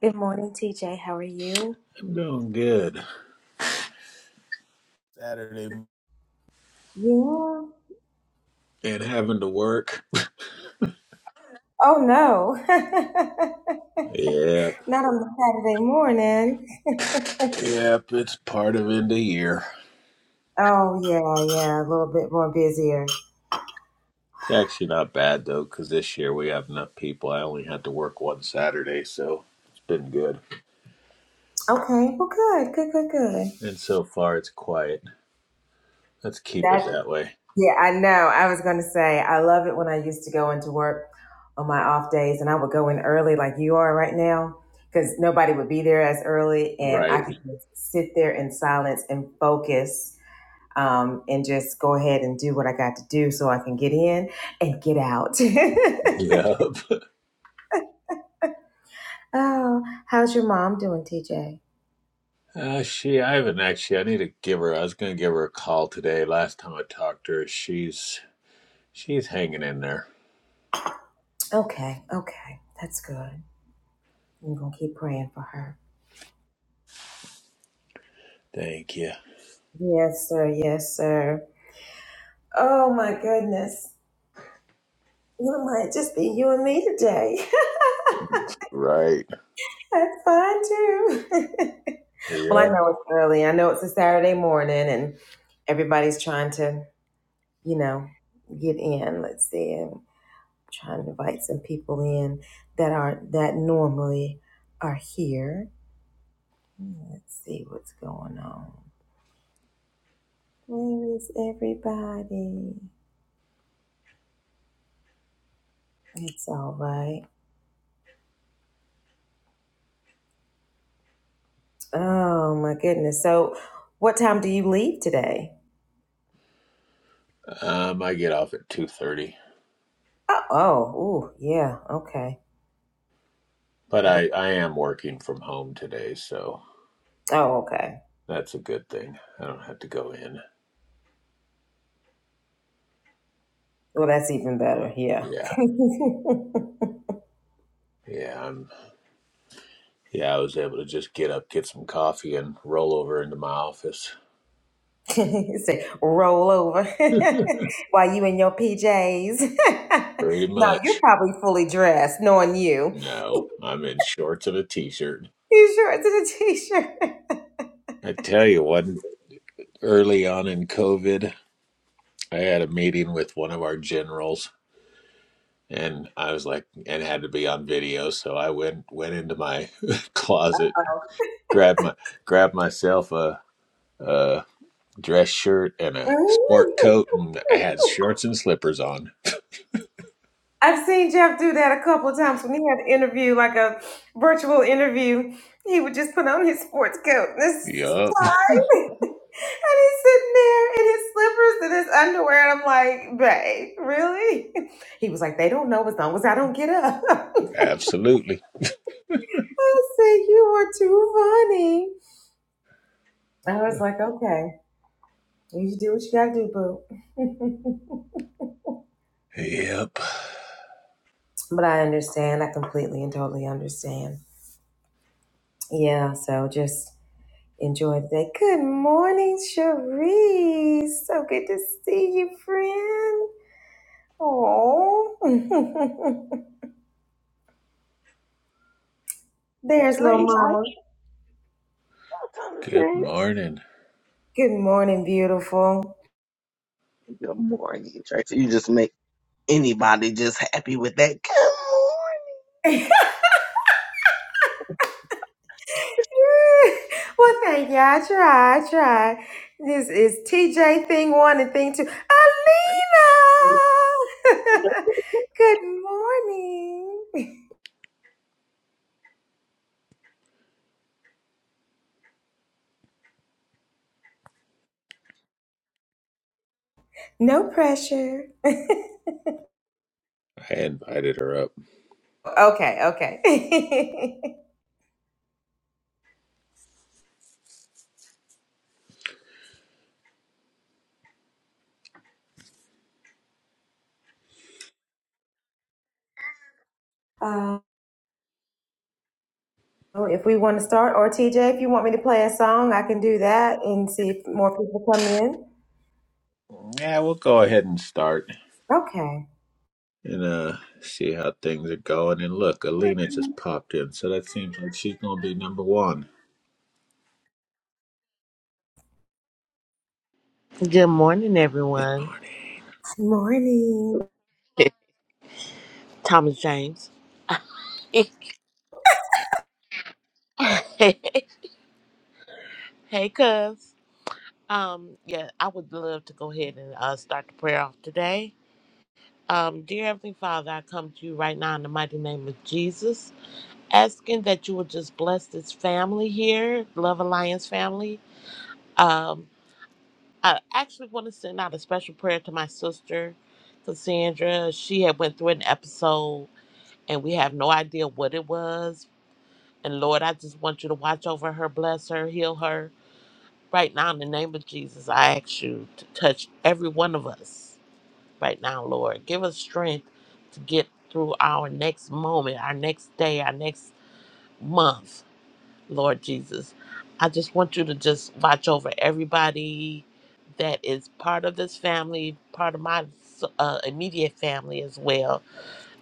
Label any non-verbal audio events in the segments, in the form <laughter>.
Good morning, TJ. How are you? I'm doing good. Saturday. Yeah. And having to work. Oh no. <laughs> Yep. Not on a Saturday morning. Yep. It's part of end of year. Oh yeah, yeah, a little bit more busier. It's actually not bad though, because this year we have enough people. I only had to work one Saturday, so it's been good. Okay. Well, good, good, good, good. And so far, it's quiet. Let's keep That it that way. yeah, I know. I was gonna say I love it when I used to go into work on my off days, and I would go in early, like you are right now, because nobody would be there as early, and I Right. could just sit there in silence and focus um, and just go ahead and do what I got to do so I can get in and get out. Yep. <laughs> oh, how's your mom doing, TJ? Uh, she, I haven't actually. I need to give her. I was gonna give her a call today. Last time I talked to her, she's she's hanging in there. Okay, okay, that's good. I'm gonna keep praying for her. Thank you. Yes, sir. Yes, sir. Oh my goodness, it might just be you and me today. Right. <laughs> that's fine too. <laughs> well, I Yeah. know it's early. I know it's a Saturday morning, and everybody's trying to, you know, get in. Let's see. Trying to invite some people in that are that normally are here. Hmm, Let's see what's going on. Where is everybody? It's all right. Oh my goodness. So, what time do you leave today? Um, I get off at two thirty. Oh, oh, ooh, yeah, okay. But I, I am working from home today, so Oh, okay. that's a good thing. I don't have to go in. Well, that's even better. Yeah. <laughs> Yeah. Yeah, I'm yeah, I was able to just get up, get some coffee and roll over into my office. Say roll over <laughs> <laughs> while you in your PJs. Pretty <laughs> no, you're much. probably fully dressed, knowing you. No, I'm in shorts and a t-shirt. These shorts and a t-shirt. <laughs> I tell you one early on in COVID, I had a meeting with one of our generals and I was like and it had to be on video, so I went went into my <laughs> Uh closet, grabbed my grabbed myself a a dress shirt and a sport Oh. coat, and I <laughs> had shorts and slippers on. I've seen Jeff do that a couple of times when he had an interview, like a virtual interview. He would just put on his sports coat this his Yup, tie, <laughs> and he's sitting there in his slippers and his underwear. And I'm like, babe, really? <laughs> He was like, they don't know as long as I don't get up. <laughs> I absolutely. said, you were too funny. I was like, okay, you do what you gotta do, boo. Yep. <laughs> but I understand. I completely and totally understand. Yeah, so just Enjoy the day. Good morning, Cherise. So good to see you, friend. Oh, <laughs> there's little Drake's like, mama. Good thanks. morning. Good morning, beautiful. Good morning, Drake. So you just make anybody just happy with that. Good <laughs> well, thank you. I try. I try. This is TJ thing one and thing two. morning. Alina. <laughs> good morning. No pressure. I invited her up. Okay. Okay. <laughs> Uh, Oh, if we want to start, or TJ, if you want me to play a song, I can do that and see if more people come in. Yeah, we'll go ahead and start Okay. and uh see how things are going. And look, Alina just popped in, so that seems like she's gonna be number one. Good morning, Good everyone. Morning. <laughs> Thomas James. <laughs> hey, cuz. Um, yeah, I would love to go ahead and uh, start the prayer off today. Um, dear Heavenly Father, I come to you right now in the mighty name of Jesus, asking that you would just bless this family here, Love Alliance family. Um, I actually want to send out a special prayer to my sister, Cassandra. She had went through an episode, and we have no idea what it was, And Lord, I just want you to watch over her, bless her, heal her. Right now, in the name of Jesus, I ask you to touch every one of us right now, Lord. Give us strength to get through our next moment, our next day, our next month, Lord Jesus. I just want you to just watch over everybody that is part of this family, part of my uh, immediate family as well.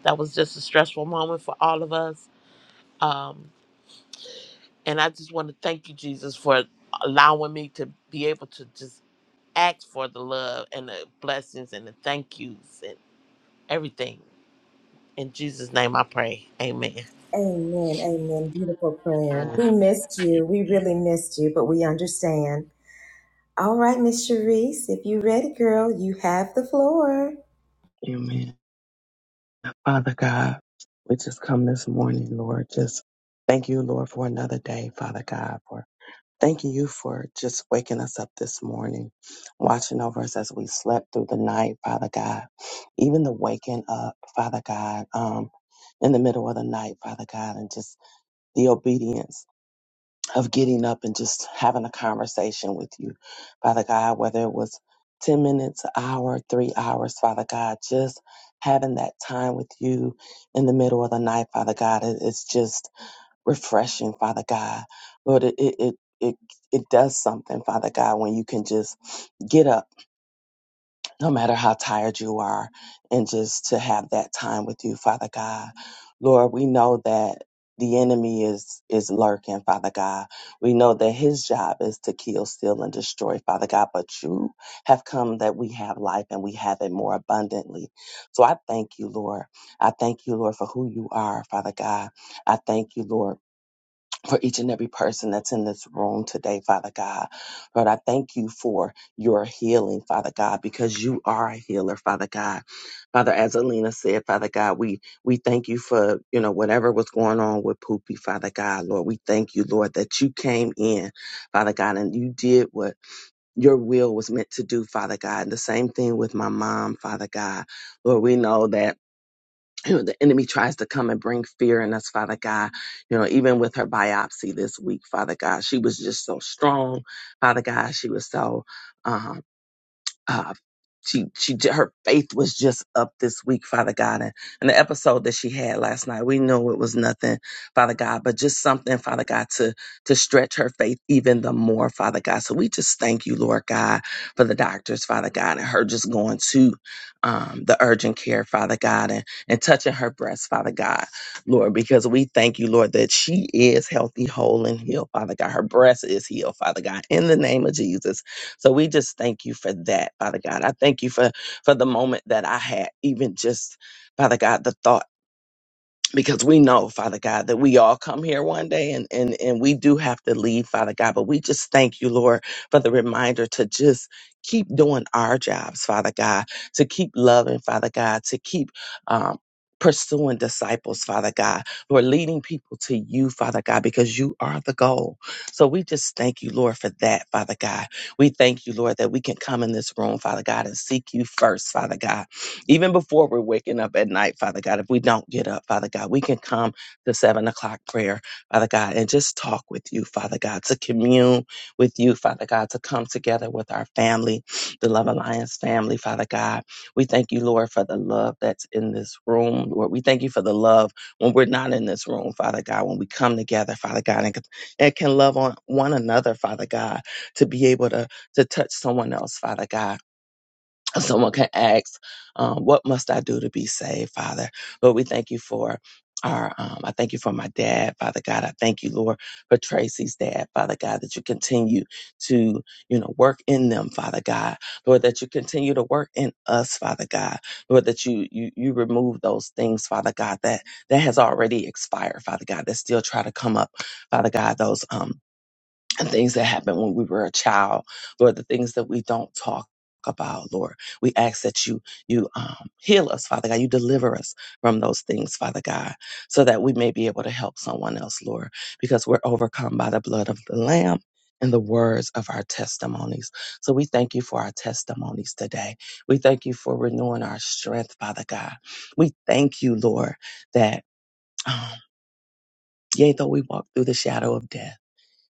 That was just a stressful moment for all of us. Um, And I just want to thank you, Jesus, for allowing me to be able to just ask for the love and the blessings and the thank yous and everything. In Jesus' name I pray. Amen. Amen. Amen. Beautiful prayer. Amen. We missed you. morning. We really Amen. missed you, but we understand. All right, Miss Sharice, if you are ready, girl, you have the floor. Amen. Father God, we just come this morning, Lord. Just thank you, Lord, for another day, Father God, for thanking you for just waking us up this morning, watching over us as we slept through the night, Father God. Even the waking up, Father God, um, in the middle of the night, Father God, and just the obedience. of getting up and just having a conversation with you, Father God, whether it was 10 minutes, an hour, three hours, Father God, just having that time with you in the middle of the night, Father God, it- it's just refreshing, Father God. Lord, it, it, it, it, it does something, Father God, when you can just get up no matter how tired you are, and just to have that time with you, Father God. Lord, we know that the enemy is is lurking, Father God. We know that his job is to kill, steal, and destroy, Father God. But you have come that we have life and we have it more abundantly. So I thank you, Lord. I thank you, Lord, for who you are, Father God. I thank you, Lord for each and every person that's in this room today, Father God. Lord, I thank you for your healing, Father God, because you are a healer, Father God. Father, as Alina said, Father God, we we thank you for, you know, whatever was going on with Poopy, Father God, Lord. We thank you, Lord, that you came in, Father God, and you did what your will was meant to do, Father God. And the same thing with my mom, Father God. Lord, we know that <clears throat> you know, the enemy tries to come and bring fear in us, Father God. You know, even with her biopsy this week, Father God, she was just so strong, Father God. She was so um, uh, she she j- her faith was just up this week, Father God, and, and the episode that she had last night, we knew it was nothing, Father God, but just something, Father God, to to stretch her faith even the more, Father God. So we just thank you, Lord God, for the doctors, Father God, and her just going to um, the urgent care, Father God, and and touching her breast, Father God, Lord, because we thank you, Lord, that she is healthy, whole, and healed, Father God. Her breast is healed, Father God, in the name of Jesus. So we just thank you for that, Father God. I thank you for for the moment that I had, even just Father God, the thought because we know, Father God, that we all come here one day and, and, and we do have to leave, Father God. But we just thank you, Lord, for the reminder to just keep doing our jobs, Father God, to keep loving, Father God, to keep um, pursuing disciples, Father God, Who are leading people to you, Father God, because you are the goal. So we just thank you, Lord, for that, Father God. We thank you, Lord, that we can come in this room, Father God, and seek you first, Father God even before we're waking up at night, Father God, if we don't get up, Father God, we can come to seven o'clock prayer, Father God, and just talk with you, Father God, to commune with you, Father God, to come together with our family, the Love Alliance family, Father God. We thank you, Lord, for the love that's in this room. Lord, we thank you for the love when we're not in this room, Father God, when we come together, Father God, and, and can love on one another, Father God, to be able to, to touch someone else, Father God someone can ask, um, what must I do to be saved, Father? But we thank you for our, um, I thank you for my dad, Father God. I thank you, Lord, for Tracy's dad, Father God, that you continue to, you know, work in them, Father God. Lord, that you continue to work in us, Father God. Lord, that you, you, you remove those things, Father God, that, that has already expired, Father God, that still try to come up, Father God, those, um, and things that happened when we were a child, Lord, the things that we don't talk about, Lord. We ask that you you um, heal us, Father God. You deliver us from those things, Father God, so that we may be able to help someone else, Lord, because we're overcome by the blood of the Lamb. And the words of our testimonies. So we thank you for our testimonies today. We thank you for renewing our strength, Father God. We thank you, Lord, that um, yea, though we walk through the shadow of death,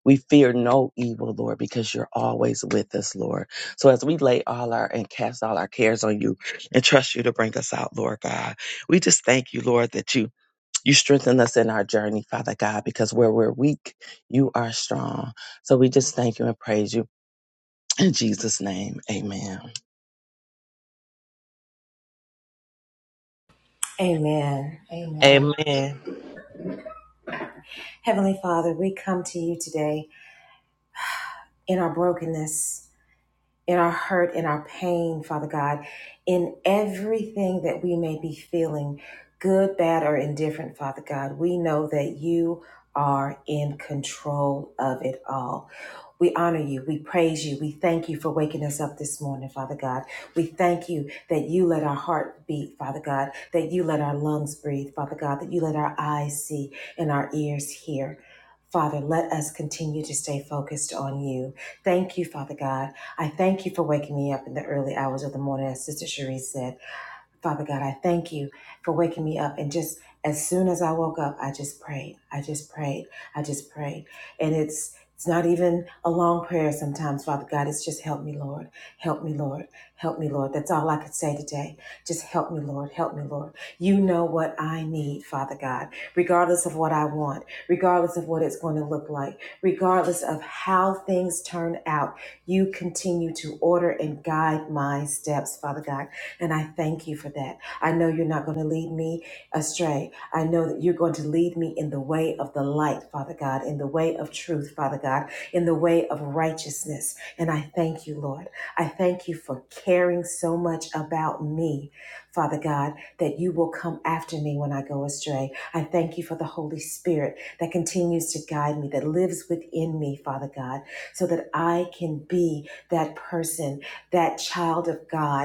we fear no evil, Lord, because you're always with us, Lord. So as we lay all our and cast all our cares on you and trust you to bring us out, Lord God, we just thank you, Lord, that you you strengthen us in our journey, Father God, because where we're weak, you are strong. So we just thank you and praise you in Jesus' name. Amen. Amen. Amen. Amen. Heavenly Father, we come to you today in our brokenness. in our hurt, in our pain, Father God, in everything that we may be feeling, good, bad, or indifferent, Father God, we know that you are in control of it all. We honor you. We praise you. We thank you for waking us up this morning, Father God. We thank you that you let our heart beat, Father God, that you let our lungs breathe, Father God, that you let our eyes see and our ears hear. Father, let us continue to stay focused on you. Thank you, Father God. I thank you for waking me up in the early hours of the morning, as Sister Cherise said. Father God, I thank you for waking me up. And just as soon as I woke up, I just prayed. I just prayed. I just prayed. And it's it's not even a long prayer sometimes, Father God. It's just help me, Lord. Help me, Lord. Help me, Lord. That's all I could say today. Just help me, Lord. Help me, Lord. You know what I need, Father God, regardless of what I want, regardless of what it's going to look like, regardless of how things turn out. You continue to order and guide my steps, Father God. And I thank you for that. I know you're not going to lead me astray. I know that you're going to lead me in the way of the light, Father God, in the way of truth, Father God, in the way of righteousness. And I thank you, Lord. I thank you for caring so much about me, Father God, that you will come after me when I go astray. I thank you for the Holy Spirit that continues to guide me, that lives within me, Father God, so that I can be that person, that child of God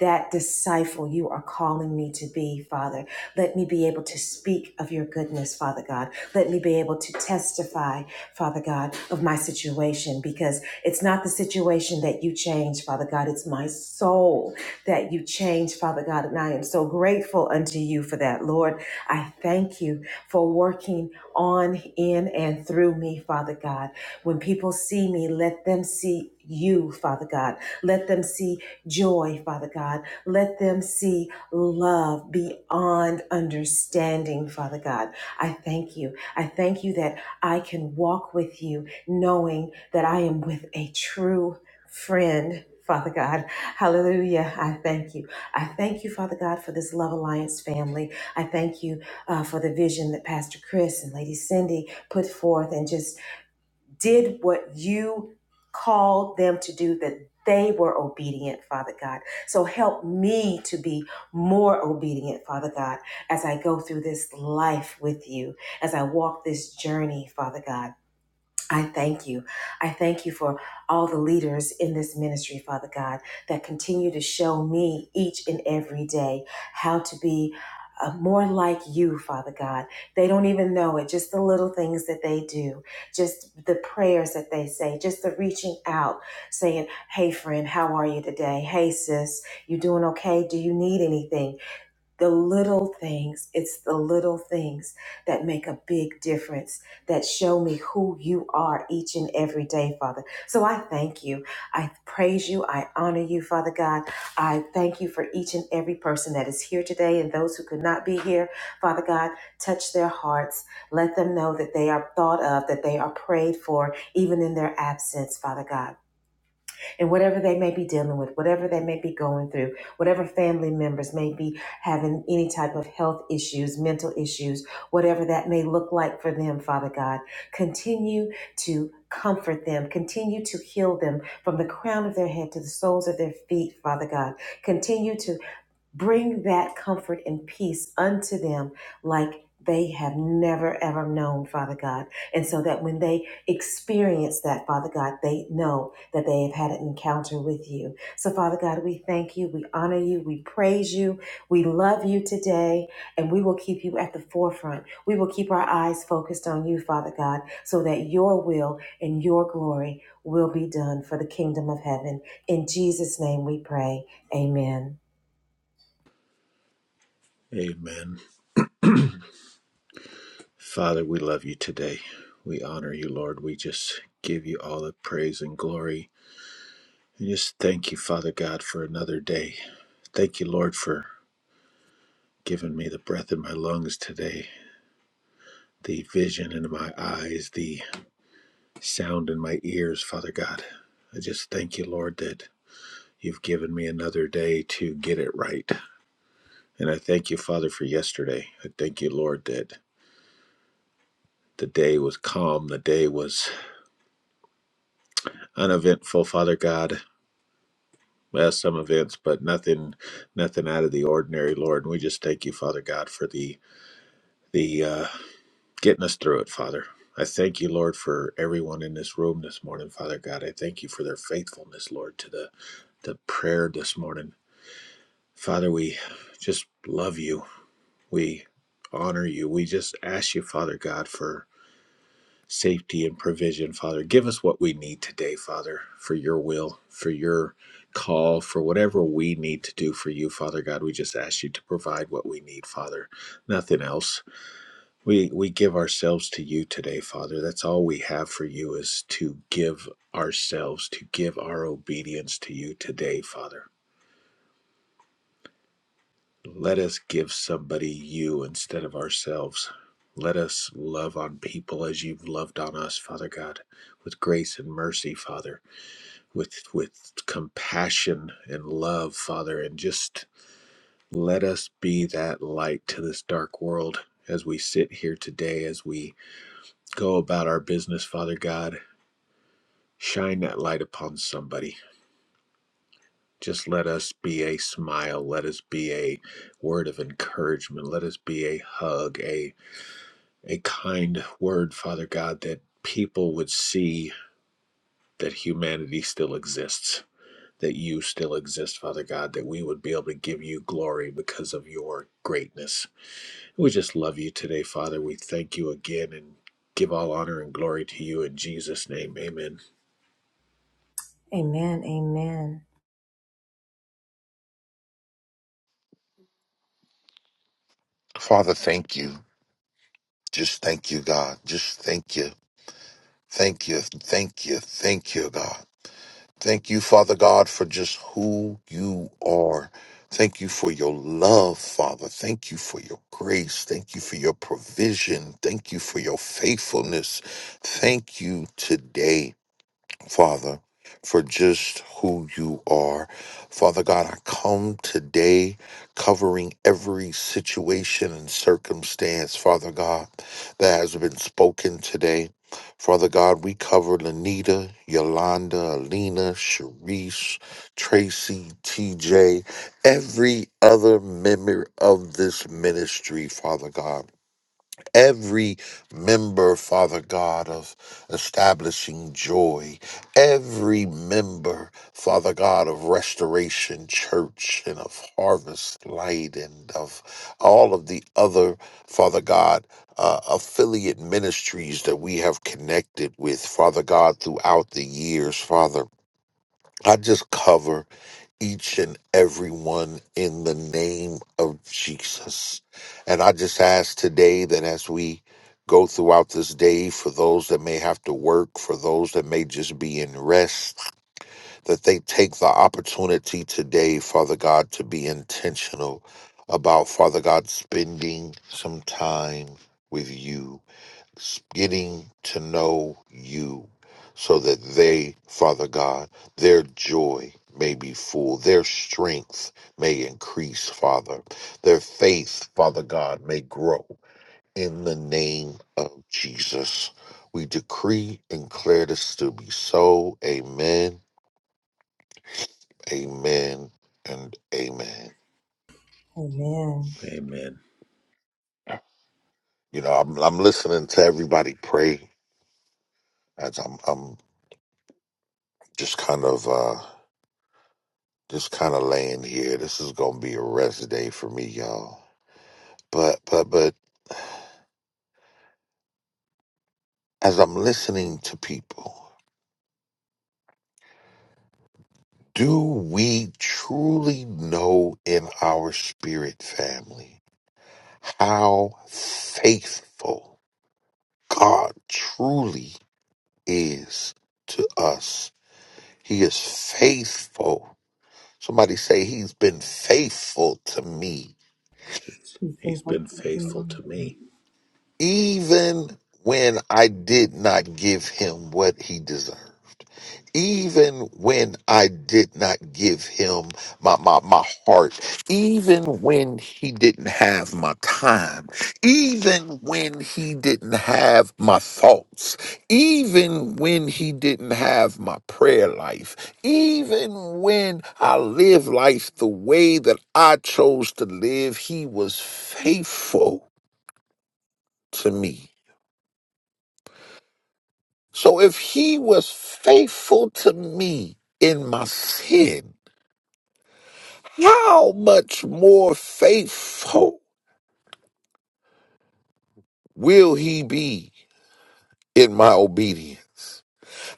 that disciple you are calling me to be, Father. Let me be able to speak of your goodness, Father God. Let me be able to testify, Father God, of my situation because it's not the situation that you change, Father God. It's my soul that you change, Father God. And I am so grateful unto you for that, Lord. I thank you for working on, in, and through me, Father God. When people see me, let them see you, Father God. Let them see joy, Father God. Let them see love beyond understanding, Father God. I thank you. I thank you that I can walk with you knowing that I am with a true friend. Father God, hallelujah. I thank you. I thank you, Father God, for this Love Alliance family. I thank you uh, for the vision that Pastor Chris and Lady Cindy put forth and just did what you called them to do, that they were obedient, Father God. So help me to be more obedient, Father God, as I go through this life with you, as I walk this journey, Father God. I thank you. I thank you for all the leaders in this ministry, Father God, that continue to show me each and every day how to be uh, more like you, Father God. They don't even know it, just the little things that they do, just the prayers that they say, just the reaching out, saying, Hey, friend, how are you today? Hey, sis, you doing okay? Do you need anything? The little things, it's the little things that make a big difference, that show me who you are each and every day, Father. So I thank you. I praise you. I honor you, Father God. I thank you for each and every person that is here today and those who could not be here. Father God, touch their hearts. Let them know that they are thought of, that they are prayed for, even in their absence, Father God and whatever they may be dealing with, whatever they may be going through, whatever family members may be having any type of health issues, mental issues, whatever that may look like for them, Father God, continue to comfort them, continue to heal them from the crown of their head to the soles of their feet, Father God. Continue to Bring that comfort and peace unto them like they have never ever known, Father God. And so that when they experience that, Father God, they know that they have had an encounter with you. So, Father God, we thank you, we honor you, we praise you, we love you today, and we will keep you at the forefront. We will keep our eyes focused on you, Father God, so that your will and your glory will be done for the kingdom of heaven. In Jesus' name we pray. Amen. Amen. Father, we love you today. We honor you, Lord. We just give you all the praise and glory. And just thank you, Father God, for another day Thank you, Lord, for giving me the breath in my lungs today, the vision in my eyes, the sound in my ears, Father God. I just thank you, Lord, that you've given me another day to get it right. And I thank you, Father, for yesterday. I thank you, Lord, that the day was calm, the day was uneventful, Father God. Well, some events, but nothing, nothing out of the ordinary, Lord. And we just thank you, Father God, for the the uh, getting us through it, Father. I thank you, Lord, for everyone in this room this morning, Father God. I thank you for their faithfulness, Lord, to the, the prayer this morning. Father, we just love you. We honor you. We just ask you, Father God, for safety and provision, Father. Give us what we need today, Father, for your will, for your call, for whatever we need to do for you, Father God. We just ask you to provide what we need, Father. Nothing else. We we give ourselves to you today, Father. That's all we have for you is to give ourselves, to give our obedience to you today, Father. Let us give somebody you instead of ourselves. Let us love on people as you've loved on us, Father God, with grace and mercy, Father, with with compassion and love, Father, and just let us be that light to this dark world as we sit here today, as we go about our business, Father God Shine that light upon somebody. Just let us be a smile. Let us be a word of encouragement. Let us be a hug, a, a kind word, Father God, that people would see that humanity still exists, that you still exist, Father God, that we would be able to give you glory because of your greatness. We just love you today, Father. We thank you again and give all honor and glory to you in Jesus' name. Amen. Amen. Amen. Father, thank you. Just thank you, God. Just thank you. Thank you. Thank you. Thank you, God. Thank you, Father God, for just who you are. Thank you for your love, Father. Thank you for your grace. Thank you for your provision. Thank you for your faithfulness. Thank you today. Father, for just who you are. Father God, I come today covering every situation and circumstance, Father God, that has been spoken today. Father God, we cover Lanita, Yolanda, Alina, Sharice, Tracy, TJ, every other member of this ministry, Father God every member, Father God, of establishing joy, every member, Father God, of Restoration Church and of Harvest Light and of all of the other, Father God, uh, affiliate ministries that we have connected with, Father God, throughout the years, Father. I just cover each and every one in the name of Jesus. And I just ask today that as we go throughout this day, for those that may have to work, for those that may just be in rest, that they take the opportunity today, Father God, to be intentional about, Father God, spending some time with you getting to know you so that they, Father God, their joy may be full, their strength may increase, Father, their faith, Father God, may grow in the name of Jesus. We decree and declare this to be so. Amen, amen, and amen. Amen. Amen. You know, I'm, I'm listening to everybody pray as I'm, I'm just kind of. uh, Just kind of laying here. This is gonna be a rest day for me, y'all. But but but as I'm listening to people, do we truly know in our spirit family how faithful God truly is to us? He is faithful. Somebody say he's been faithful to me, You think He's I'm been faithful thinking, to me. even when I did not give him what he deserved. even when I did not give him my, my, my heart, even when he didn't have my time, even when he didn't have my thoughts, even when he didn't have my prayer life, even when I lived life the way that I chose to live, he was faithful to me. So if he was faithful to me in my sin, how much more faithful will he be in my obedience?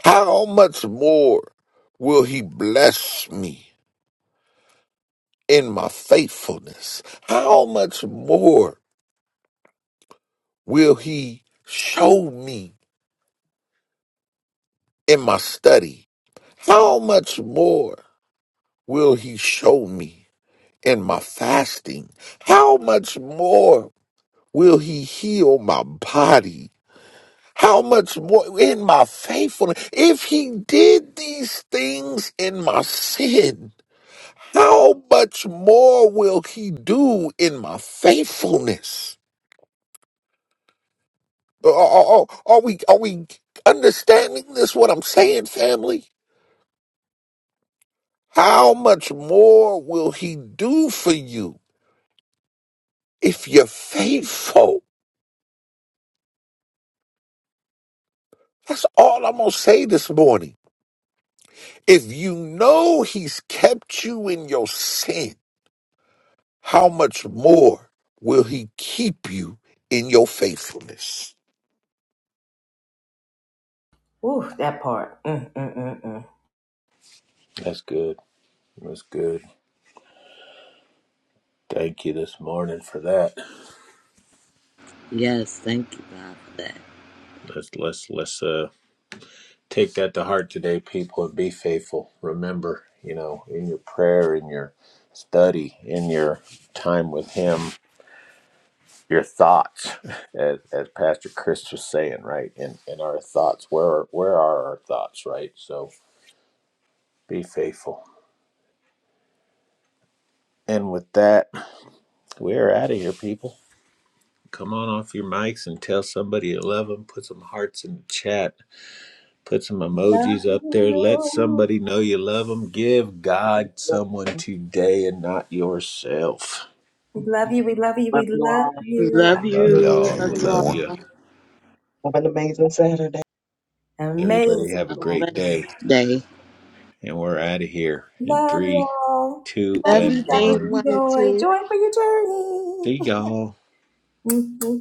How much more will he bless me in my faithfulness? How much more will he show me in my study? How much more will he show me in my fasting? How much more will he heal my body? How much more in my faithfulness? If he did these things in my sin, how much more will he do in my faithfulness? Are, are, are we are we understanding this? What I'm saying, family? How much more will he do for you if you're faithful? That's all I'm gonna say this morning. If you know he's kept you in your sin. how much more will he keep you in your faithfulness? Ooh, that part. Mm, mm, mm, mm. That's good. That's good. Thank you this morning for that. Yes, thank you, God, for that. Let's let's let's uh take that to heart today, people, and be faithful. Remember, you know, in your prayer, in your study, in your time with him, your thoughts, as as Pastor Chris was saying, right? In in our thoughts. Where where are our thoughts, right? So be faithful. And with that, we're out of here, people. Come on off your mics and tell somebody you love them. Put some hearts in the chat Put some emojis up there. Let somebody know you love them. Give God someone today and not yourself. "Love you, We love you. Love We love you. We you love all. you. We Love love you. y'all. Love We you love all. you. Have an amazing Saturday. Everybody Amazing. have a A Love great day. blessed day. And we're out of here in three, y'all. two, Love Love you. you, and Have a thing one. good one and joy. two. Joy for your See journey. y'all. <laughs>